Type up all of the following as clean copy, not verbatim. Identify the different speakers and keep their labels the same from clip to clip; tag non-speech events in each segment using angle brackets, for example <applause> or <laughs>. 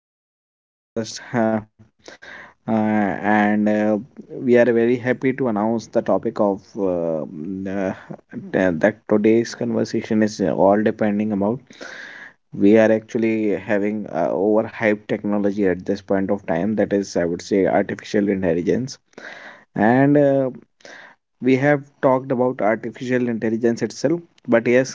Speaker 1: starting with a new podcast, <laughs> and we are very happy to announce the topic of that today's conversation is all depending about. We are actually having overhyped technology at this point of time. That is, I would say, artificial intelligence, and we have talked about artificial intelligence itself. But yes,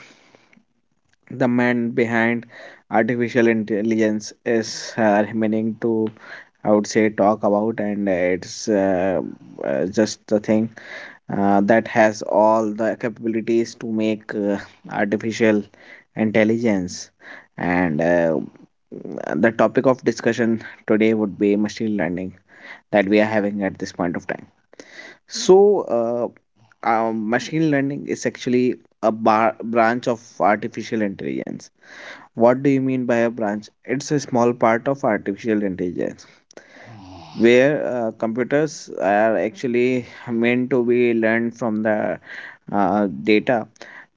Speaker 1: the man behind artificial intelligence is remaining to I would say talk about, and it's just the thing that has all the capabilities to make artificial intelligence, and the topic of discussion today would be machine learning that we are having at this point of time. So uh, um, machine learning is actually a branch of artificial intelligence. What do you mean by a branch? It's a small part of artificial intelligence where computers are actually meant to be learned from the data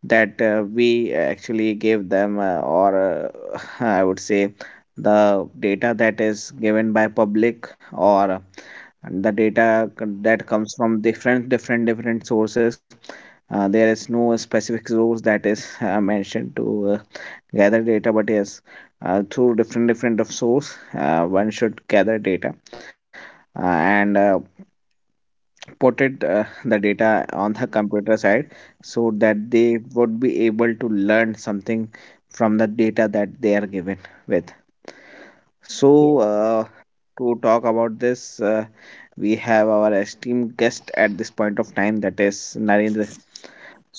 Speaker 1: that we actually give them, or <laughs> I would say the data that is given by public, or the data
Speaker 2: Mm.
Speaker 1: that comes from different sources. There is no specific source that is mentioned to uh, gather data, but yes, through different of source, one should gather data, uh, and put it, the data, on the computer side, so that they would be able to learn something from the data that they are given with. so
Speaker 2: Yeah.
Speaker 1: uh, to talk about this, we have our esteemed guest at this point of time, that is Narendra.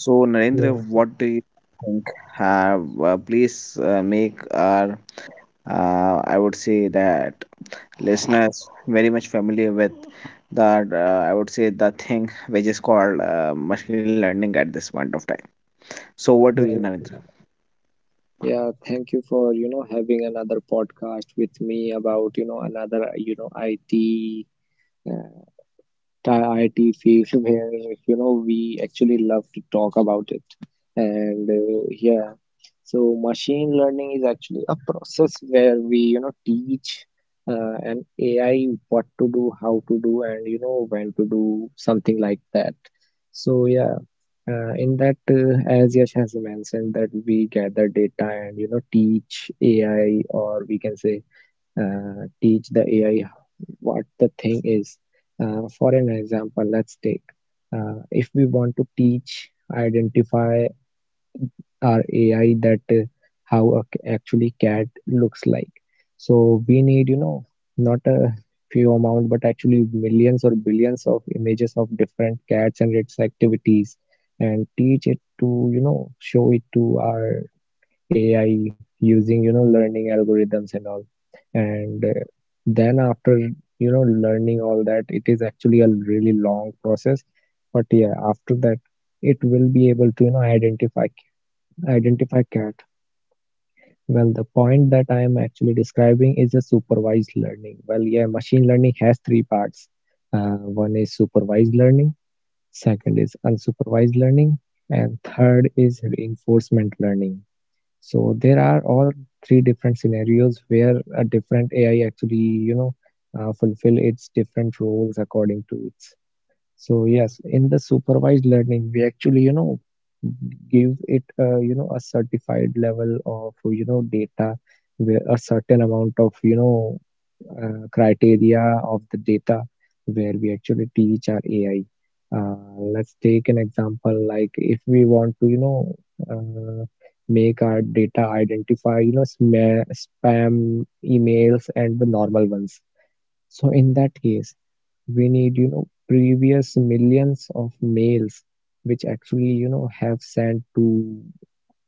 Speaker 1: So Narendra,
Speaker 2: Yeah,
Speaker 1: what do you think? uh, Please, make our, I would say, that listeners very much familiar with that. I would say the thing which is called machine learning at this point of time. So, what do you,
Speaker 2: well,
Speaker 1: Narendra?
Speaker 2: yeah, yeah, thank you for, having another podcast with me about, another, IT, uh, IT field <laughs> where, we actually love to talk about it. And yeah, so machine learning is actually a process where we, teach an AI what to do, how to do, and, when to do something like that. So yeah. In that, as Yash has mentioned, that we gather data and, you know, teach AI, or we can say, teach the AI what the thing is. For an example, let's take, if we want to teach identify our AI that, how a c actually cat looks like. So we need, not a few amount, but actually millions or billions of images of different cats and its activities, and teach it to, show it to our AI using, learning algorithms and all. And then, after learning all that, it is actually a really long process. But yeah, after that, it will be able to, identify cat. Well, the point that I am actually describing is a supervised learning. Well, yeah, machine learning has three parts. One is supervised learning, second is unsupervised learning, and third is reinforcement learning. So there are all three different scenarios where a different AI actually, fulfill its different roles according to its. So yes, in the supervised learning, we actually, give it, a certified level of, data, where a certain amount of, criteria of the data, where we actually teach our AI. Let's take an example, like if we want to, uh, make our data identify, sma spam emails and the normal ones. So in that case, we need, you know, previous millions of mails which actually, you know, have sent to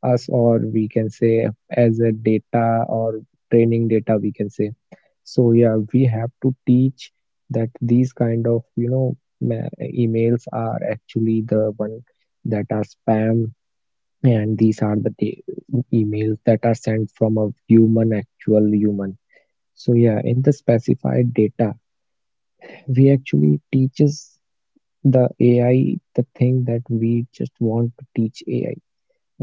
Speaker 2: us, or we can say as a data, or training data, we can say. So yeah, we have to teach that these kind of, you know, emails are actually the one that are spam, and these are the emails that are sent from a human, actual human. So yeah, in the specified data, we actually teaches the AI, the thing that we just want to teach AI,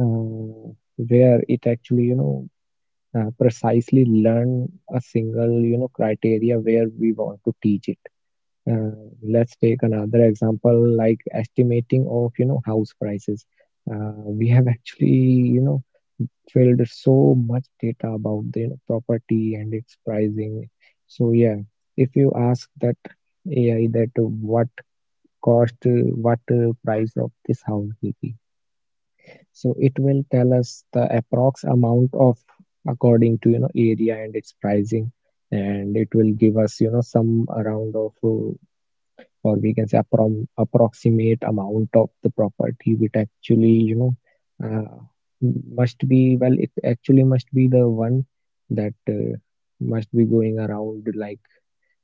Speaker 2: uh, where it actually, precisely learn a single, criteria where we want to teach it. Uh, let's take another example, like estimating of, house prices. We have actually, filled so much data about the, property and its pricing. So yeah, if you ask that AI that, what cost, what price of this house will be. So it will tell us the approx amount of, according to, you know, area and its pricing, and it will give us, you know, some around of, or we can say approm approximate amount of the property, which actually, you know, uh, must be, well, it actually must be the one that, must be going around, like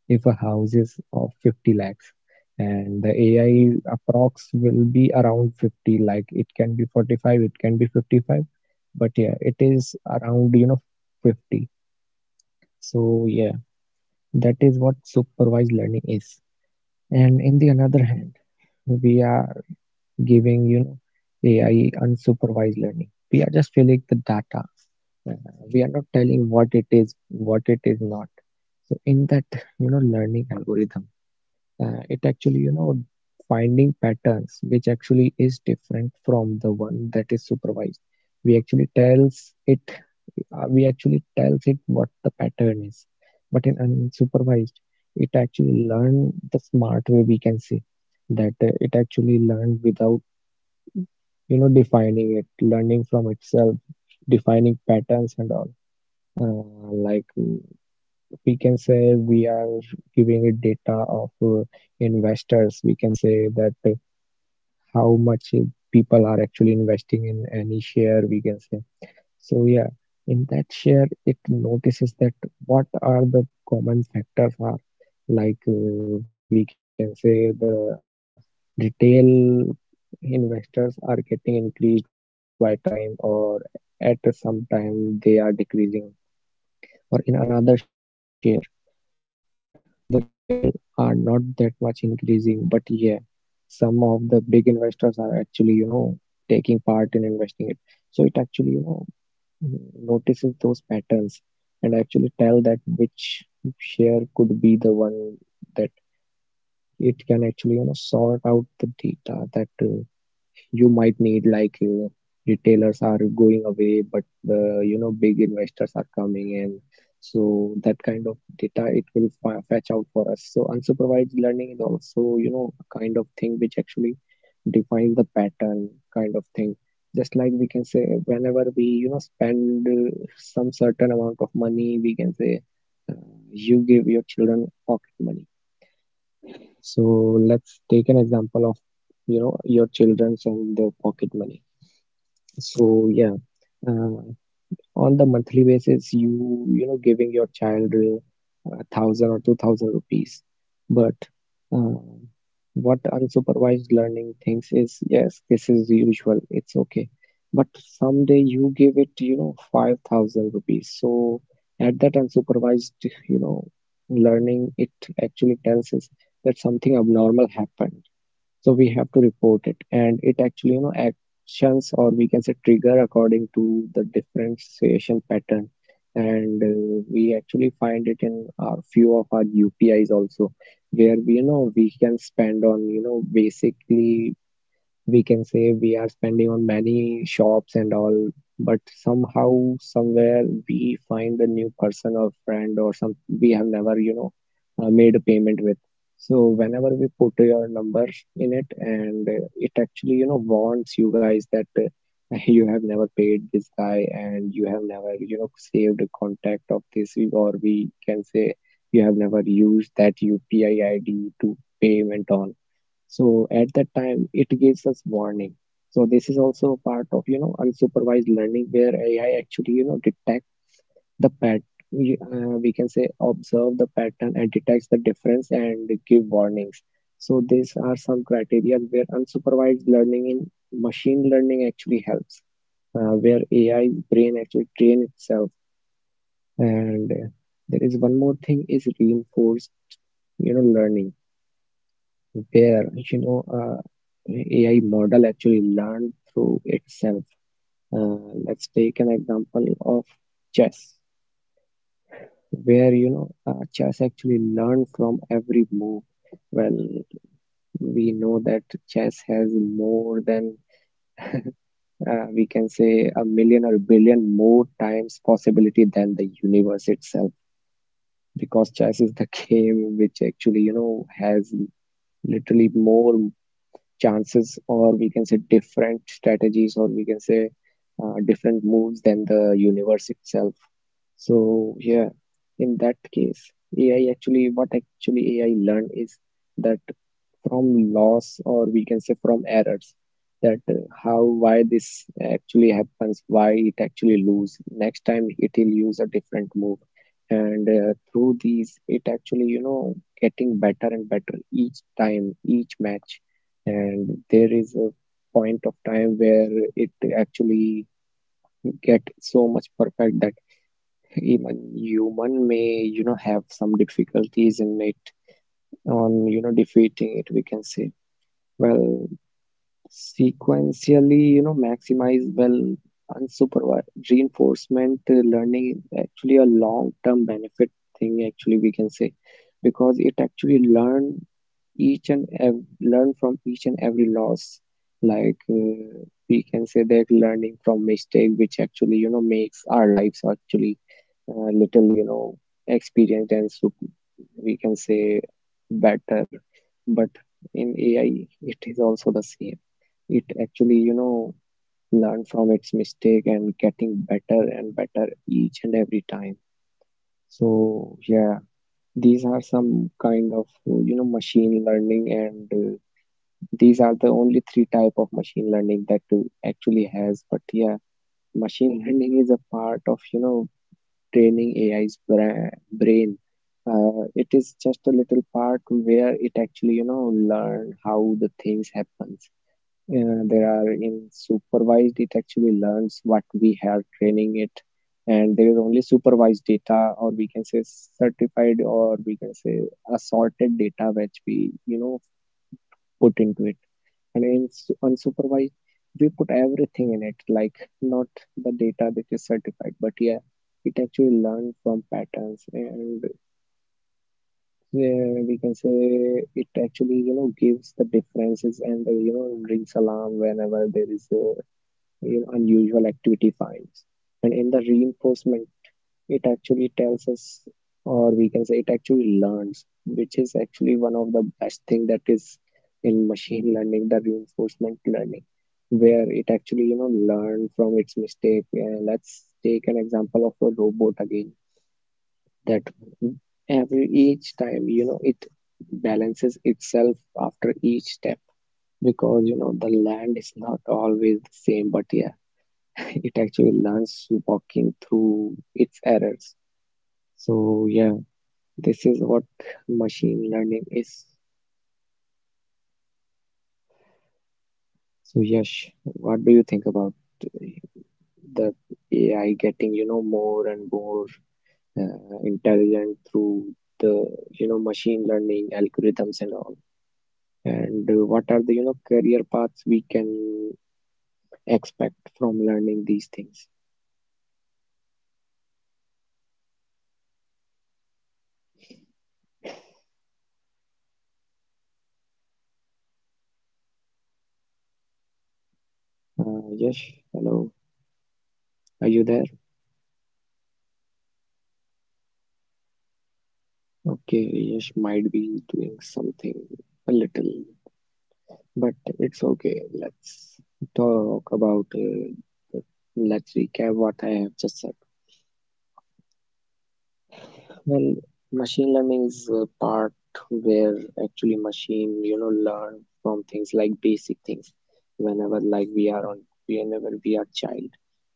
Speaker 2: if a house is of 50 lakhs and the AI approx will be around 50, like it can be 45, it can be 55, but yeah, it is around, you know, 50. So yeah, that is what supervised learning is. And in the another hand, we are giving, you know, AI unsupervised learning. We are just filling the data. uh, we are not telling what it is, what it is not. So in that, you know, learning algorithm, it actually, you know, finding patterns, which actually is different from the one that is supervised. we actually tells it we actually tells it what the pattern is. But in unsupervised, it actually learn the smart way, we can say. That, it actually learned without, you know, defining it, learning from itself, defining patterns and all. Like, we can say we are giving it data of, investors, we can say, that, how much, people are actually investing in any share, we can say. So yeah, in that share it notices that what are the common factors are, like, we can say the retail investors are getting increased by time, or at some time they are decreasing, or in another share the retail are not that much increasing, but yeah, some of the big investors are actually, you know, taking part in investing it. So it actually, you know, notices those patterns and actually tell that which share could be the one that it can actually, you know, sort out the data that, you might need. Like, retailers are going away, but the, you know, big investors are coming in. So that kind of data it will fa fetch out for us. So unsupervised learning is also, you know, a kind of thing which actually defines the pattern kind of thing. Just like, we can say, whenever we, you know, spend, some certain amount of money, we can say, you give your children pocket money. So let's take an example of, you know, your children's and their pocket money. So yeah, uh, on the monthly basis, you know giving your child 1,000 or 2,000 rupees. But, uh, what unsupervised learning thinks is, yes, this is usual, it's okay. But someday you give it, you know, 5,000 rupees. So at that, unsupervised, you know, learning, it actually tells us that something abnormal happened. So we have to report it, and it actually, you know, actions, or we can say trigger, according to the differentiation pattern. And we actually find it in our, few of our UPIs also, where we, you know, we can spend on, you know, basically, we can say we are spending on many shops and all, but somehow, somewhere we find a new person or friend or some we have never, you know, made a payment with. So whenever we put your number in it, and it actually, you know, warns you guys that, <laughs> you have never paid this guy, and you have never, you know, saved a contact of this, or we can say you have never used that UPI ID to payment on. So at that time, it gives us warning. So this is also part of, you know, unsupervised learning, where AI actually, you know, detect the pat. We can say observe the pattern and detects the difference and give warnings. So these are some criteria where unsupervised learning in machine learning actually helps, where AI 's brain actually train itself. And there is one more thing is reinforced, you know, learning, where, AI model actually learned through itself. Uh, let's take an example of chess, where, you know, chess actually learned from every move. Well, we know that chess has more than, we can say, a million or billion more times possibility than the universe itself, because chess is the <laughs> game which actually, you know, has literally more chances, or we can say different strategies, or we can say, different moves than the universe itself. So yeah, in that case, ai actually what actually AI learn is that, from loss, or we can say from errors, that, how, why this actually happens, why it actually lose. Next time it will use a different move. And through these, it actually, you know, getting better and better each time, each match. And there is a point of time where it actually get so much perfect that even human may, you know, have some difficulties in it on, you know, defeating it, we can say. Well, sequentially, you know, maximize, well, unsupervised reinforcement learning is actually a long term benefit thing, actually, we can say. Because it actually learn learn from each and every loss. Like, we can say, that learning from mistake, which actually, you know, makes our lives actually, little, you know, experienced and we can say, better. But in AI it is also the same, it actually, you know, learn from its mistake and getting better and better each and every time. So yeah, these are some kind of, you know, machine learning, and these are the only three type of machine learning that to actually has. But yeah, machine learning is a part of, you know, training AI's brain. It is just a little part where it actually, you know, learn how the things happens. There are in supervised, it actually learns what we have training it. And there is only supervised data, or we can say certified, or we can say assorted data which we, put into it, and in unsupervised we put everything in it, like not the data that is certified, but yeah, it actually learned from patterns, and we can say it actually gives the differences, and rings alarm whenever there is a, unusual activity finds. And in the reinforcement, it actually tells us, or we can say it actually learns, which is actually one of the best thing that is in machine learning, the reinforcement learning, where it actually learn from its mistake. Let's take an example of a robot again, that every each time it balances itself after each step, because the land is not always the same, but yeah, <laughs> it actually learns walking through its errors. So yeah, this is what machine learning is. So Yash, what do you think about eh, the AI getting, more and more intelligent through the machine learning algorithms and all? And what are the career paths we can expect from learning these things? Yash, hello, are you there? Okay, Yash might be doing something a little. But it's okay. Let's talk about the, Let's recap what I have just said. Well, machine learning is a part where actually machine, learn from things like basic things. Whenever whenever we are child,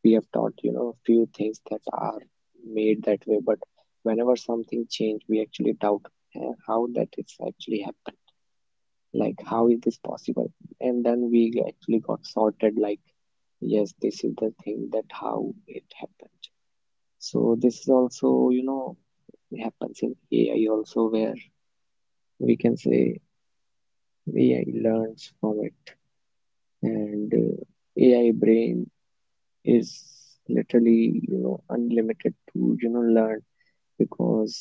Speaker 2: we have taught, a few things that are made that way. But whenever something change, we actually doubt how that it's actually happened. Like how is this possible? And then we actually got sorted, like, yes, this is the thing that how it happened. So this is also happens in AI also, where we can say AI learns from it. And AI brain is literally unlimited to learn, because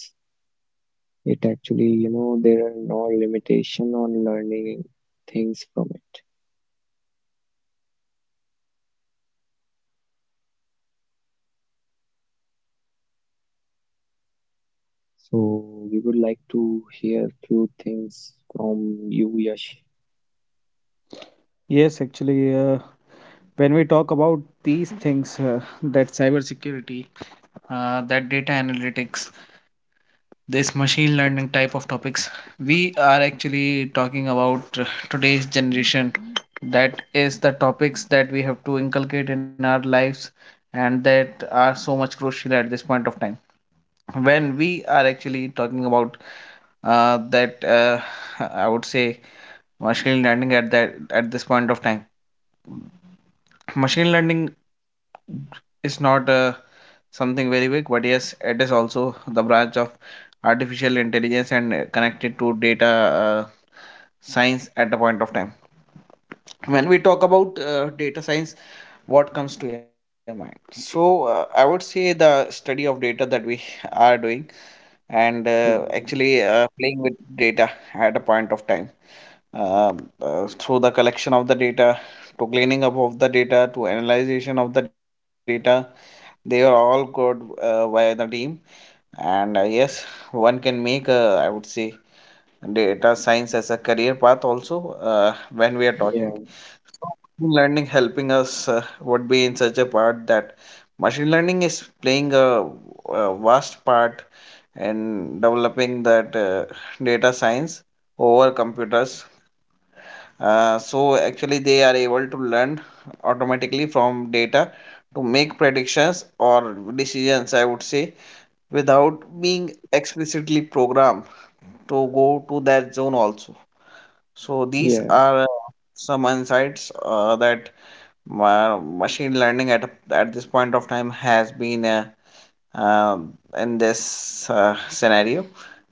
Speaker 2: it actually there are no limitation on learning things from it. So we would like to hear few things from you, Yash.
Speaker 1: Yes, actually, when we talk about these things, that cybersecurity, that data analytics, this machine learning type of topics, we are actually talking about today's generation, that is the topics that we have to inculcate in our lives, and that are so much crucial at this point of time, when we are actually talking about that I would say machine learning at that, at this point of time. Machine learning is not something very big, but yes, it is also the branch of artificial intelligence, and connected to data science at a point of time. When we talk about data science, what comes to your mind? So I would say the study of data that we are doing, and uh, actually
Speaker 2: Mhm.
Speaker 1: uh, playing with data at a point of time, through the collection of the data, to cleaning up of the data, to analyzation of the data. They are all good by the team. And yes, one can make a, I would say, data science as a career path also, when we are
Speaker 2: Yeah.
Speaker 1: talking. Machine learning helping us, would be in such a part that machine learning is playing a vast part in developing that, data science over computers. So actually, they are able to learn automatically from data to make predictions or decisions. I would say without being explicitly programmed to go to that zone also. So
Speaker 2: Yeah,
Speaker 1: these are some insights that machine learning at this point of time has been, um in this scenario.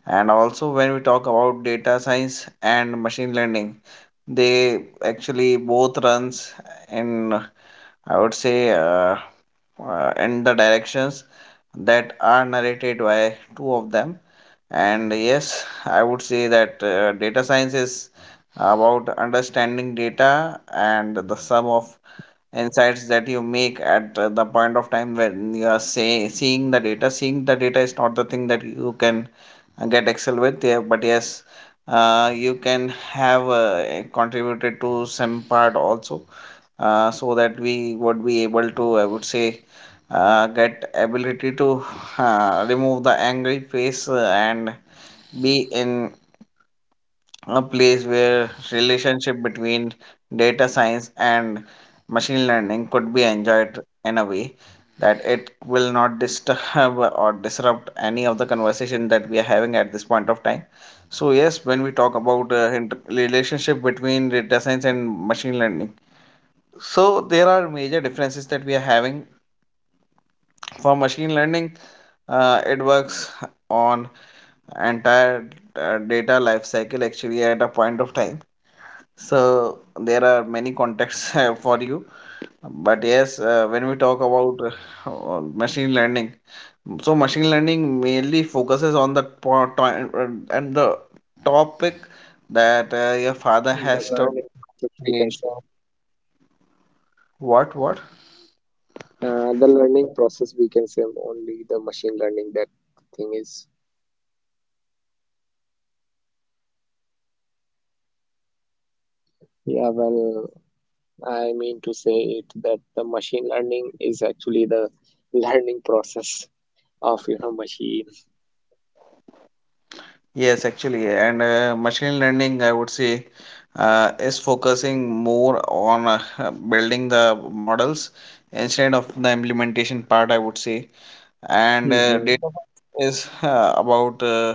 Speaker 1: And also when we talk about data science and machine learning, they actually both runs in, I would say, in the directions that are narrated by two of them. And yes, I would say that data science is about understanding data and the sum of insights that you make at the point of time when you are, say, seeing the data. Seeing the data is not the thing that you can get excel with, yeah, but yes, you can have contributed to some part also, so that we would be able to, I would say, get ability to remove the angry face, and be in a place where relationship between data science and machine learning could be enjoyed in a way that it will not disturb <laughs> or disrupt any of the conversation that we are having at this point of time. So yes, when we talk about inter- relationship between data science and machine learning, so there are major differences that we are having. For machine learning, it works on entire data life cycle actually at a point of time. So there are many contexts <laughs> for you. But yes, when we talk about <laughs> machine learning, so machine learning mainly focuses on the and the topic that your father
Speaker 2: the
Speaker 1: has to
Speaker 2: learning process, we can
Speaker 1: based
Speaker 2: say.
Speaker 1: on-. What what?
Speaker 2: The learning process, we can say, only the machine learning that thing is. Yeah, well, I mean to say it that the machine learning is actually the learning process of machine.
Speaker 1: Yes, actually, and machine learning, I would say, is focusing more on, <laughs> building the models instead of the implementation part, I would say. And
Speaker 2: Mm-hmm.
Speaker 1: data is about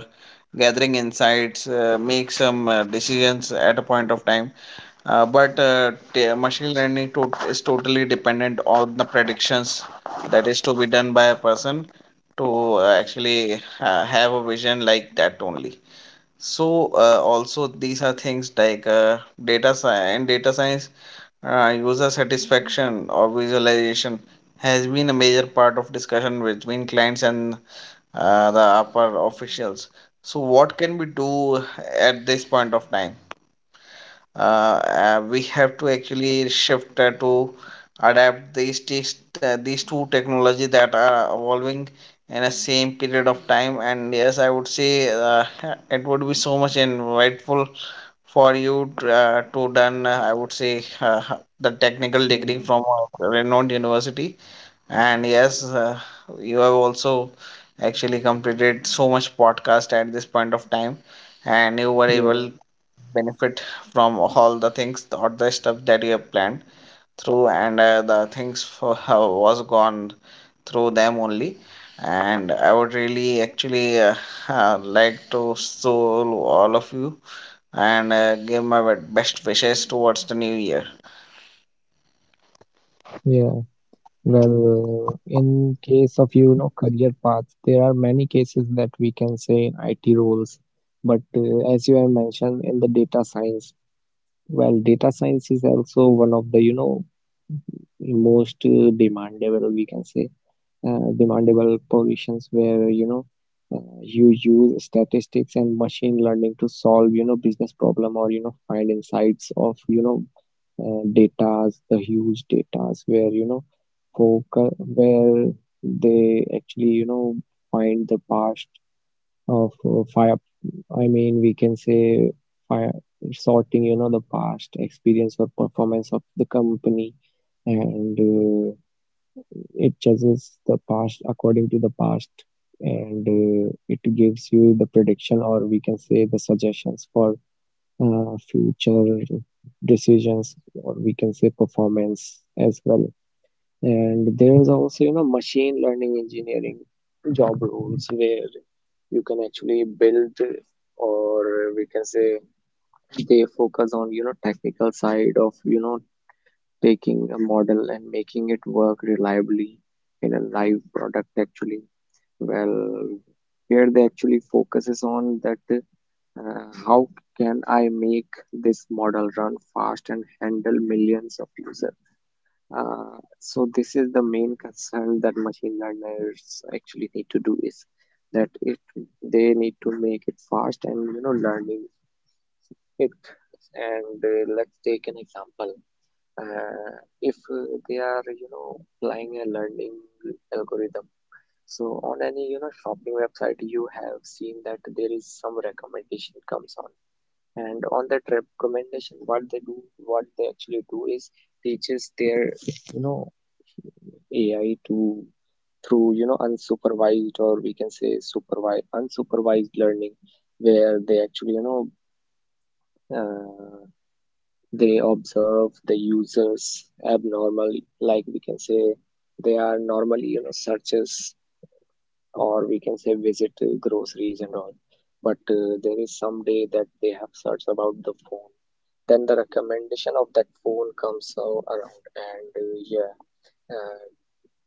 Speaker 1: gathering insights, make some decisions at a point of time, but machine learning is totally dependent on the predictions that is to be done by a person to actually have a vision like that only. So also these are things like data science, and data science user satisfaction or visualization has been a major part of discussion between clients and the upper officials. So what can we do at this point of time? We have to actually shift to adapt these these two technology that are evolving in a same period of time. And yes, I would say, <laughs> it would be so much insightful for you to done I would say, the technical degree from
Speaker 2: Mm,
Speaker 1: a renowned university. And yes, you have also actually completed so much podcast at this point of time, and you were able
Speaker 2: yeah.
Speaker 1: benefit from all the things or the stuff that you have planned through, and the things for <laughs> how was gone through them only. And I would really actually, like to soul all of you, and give my best wishes towards the new year.
Speaker 2: Yeah. Well, in case of career paths, there are many cases that we can say in IT roles. But as you have mentioned in the data science, well, data science is also one of the most demandable, we can say, demandable positions, where you use statistics and machine learning to solve business problem, or find insights of datas, the huge datas, where, focus where they actually find the past of fire. I mean, we can say fire sorting, the past experience or performance of the company, and it judges the past according to the past. And it gives you the prediction, or we can say, the suggestions for future decisions, or we can say performance as well. And there is also machine learning engineering job roles, where you can actually build, or we can say, they focus on technical side of taking a model and making it work reliably in a live product, actually. Well, where they actually focuses on that, how can I make this model run fast and handle millions of users? So this is the main concern that machine learners actually need to do, is that it they need to make it fast and learning it. And let's take an example. Uh, if they are applying a learning algorithm. So on any shopping website, you have seen that there is some recommendation comes on, and on that recommendation, what they actually do is teaches their you know ai to, through unsupervised, or we can say, supervised unsupervised learning, where they actually uh, they observe the users abnormally, like we can say, they are normally searches, or we can say, visit groceries and all. But there is some day that they have searched about the phone, then the recommendation of that phone comes around, and yeah, uh,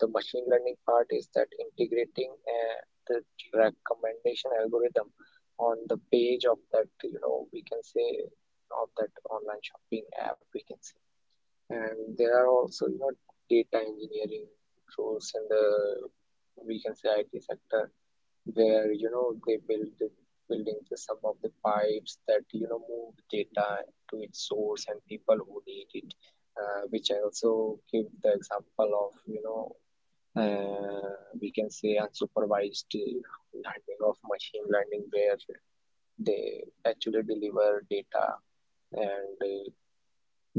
Speaker 2: the machine learning part is that integrating the recommendation algorithm on the page of that, we can say, of that online shopping app, we can say. And there are also data engineering roles in the, we can say, IT sector, where they build the some of the pipes that move data to its source and people who need it, which I also give the example of, uh, we can say, unsupervised learning of machine learning, where they actually deliver data, and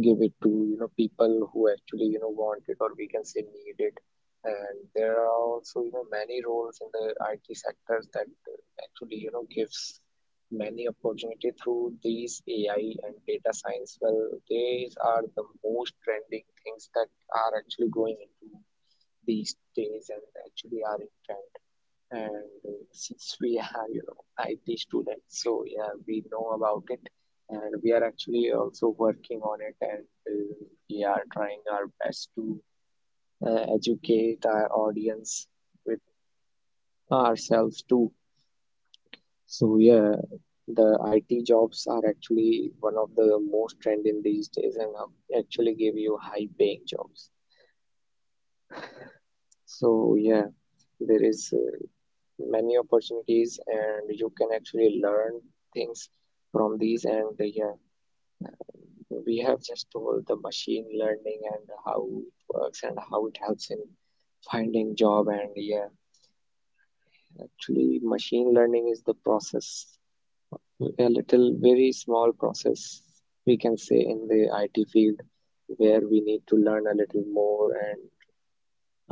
Speaker 2: give it to people who actually want it, or we can say, need it. And there are also many roles in the IT sectors that actually gives many opportunity through these AI and data science. Well, these are the most trending things that are actually going into these days and actually are in trend. And since we are IT students, so yeah, we know about it, and we are actually also working on it. And we are trying our best to educate our audience, with ourselves too. So yeah, the IT jobs are actually one of the most trending these days, and actually give you high paying jobs. So yeah, there is many opportunities, and you can actually learn things from these. And yeah, we have just told the machine learning and how it works and how it helps in finding job. And yeah, actually machine learning is the process, a little very small process we can say, in the IT field, where we need to learn a little more. And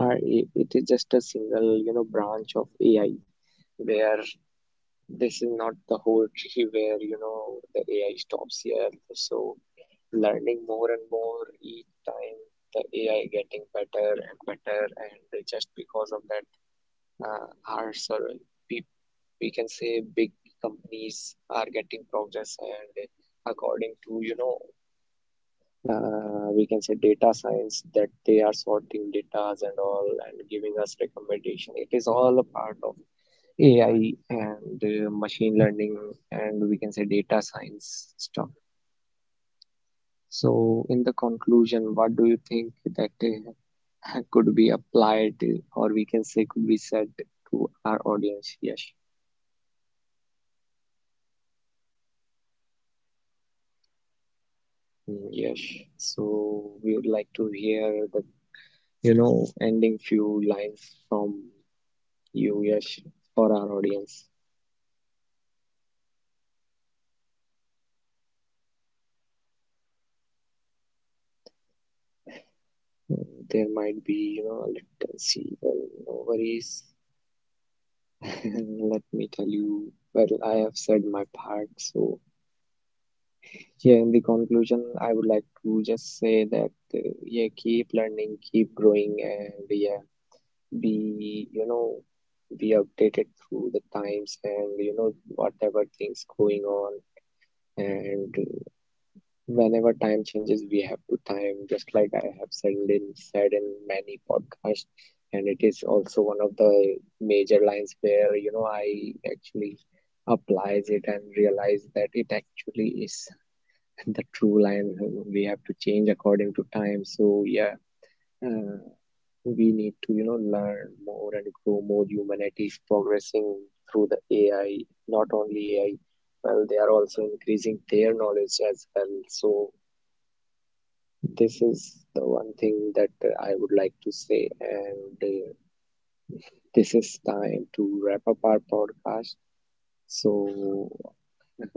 Speaker 2: uh, it is just a single branch of AI, where this is not the whole tree where the AI stops here. So learning more and more each time, the AI getting better and better, and just because of that, uh, our sort we we can say big companies are getting progress, and according to. We can say data science, that they are sorting data and all and giving us recommendation. It is all a part of AI and machine learning, and we can say, data science stuff. So, in the conclusion, what do you think that <laughs> could be applied, or we can say, could be said to our audience? Yes. Mm, yes. So we would like to hear the, ending few lines from you, Yash, for our audience. Mm, there might be, a little see, well, no worries. And let me tell you, well, I have said my part. So yeah, in the conclusion, I would like to just say that, yeah, keep learning, keep growing, and yeah, be, be updated through the times and, whatever things going on. And whenever time changes, we have to time, just like I have said in many podcasts, and it is also one of the major lines where I actually applies it and realize that it actually is <laughs> the true line. We have to change according to time. So yeah, uh, we need to learn more and grow more. Humanity is progressing through the AI, not only AI. Well, they are also increasing their knowledge as well. So this is the one thing that I would like to say, and this is time to wrap up our podcast. So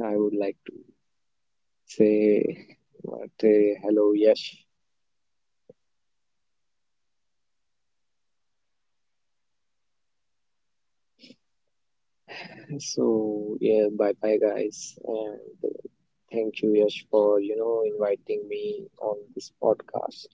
Speaker 2: I would like to say, what, hello, Yash. So yeah, bye bye guys, and thank you, Yash, for inviting me on this podcast.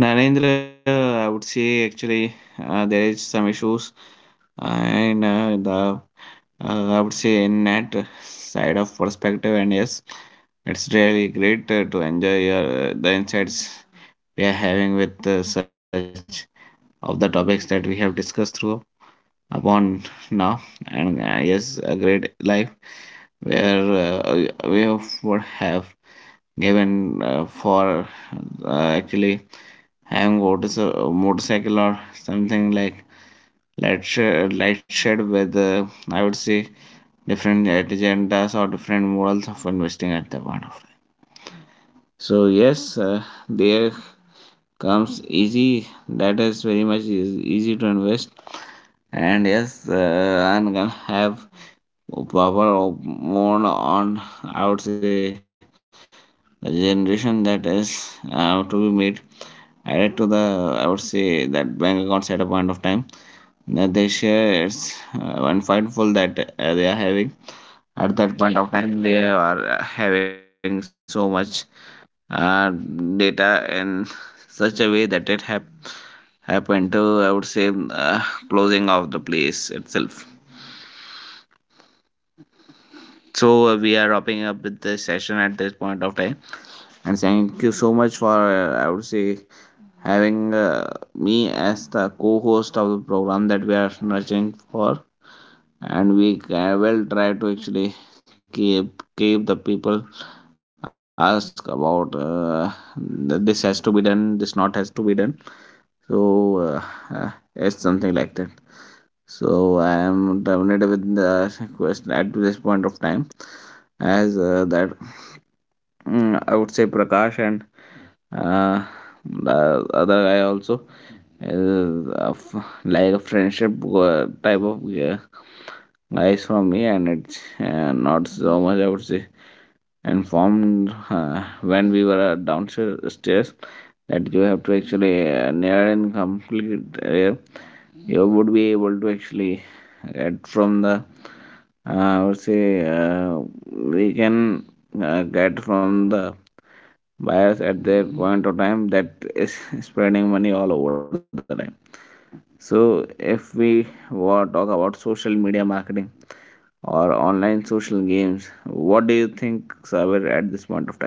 Speaker 1: Narendra, I would say actually, there is some issues, and the, uh, I would say in that side of perspective. And yes, it's really great to enjoy your, the insights we are having with such of the topics that we have discussed through upon now. And yes, a great life where we have, would have given for actually having motorcycle or something like light shade with, I would say, different agendas or different models of investing at the point of time. So yes, there comes easy. That is very much easy to invest, and yes, I'm gonna have power of more on, I would say, the generation that is to be made added to the, I would say, that bank account at a point of time. That they share, it's one fightful that they are having. At that point of time, they are having so much uh, data in such a way that it happened to, I would say, closing of the place itself. So we are wrapping up with this session at this point of time, and thank you so much for, I would say, having me as the co-host of the program that we are nurturing for. And we will try to actually keep the people ask about, this has to be done, this not has to be done. So uh, uh, it's something like that. So I am terminated with the question at this point of time, as that, mm, I would say, Prakash, and uh, the other guy also, uh, of- like a friendship type of uh, guys from me. And it's not so much, I would say, and formed when we were downstairs, that you have to actually near and complete, uh, you would be able to actually get from the, uh, I would say, we can get from the buyers at their point of time that is <laughs> spreading money all over the time. So, if we talk about social media marketing or online social games, what do you think, Sabir, at this point of time?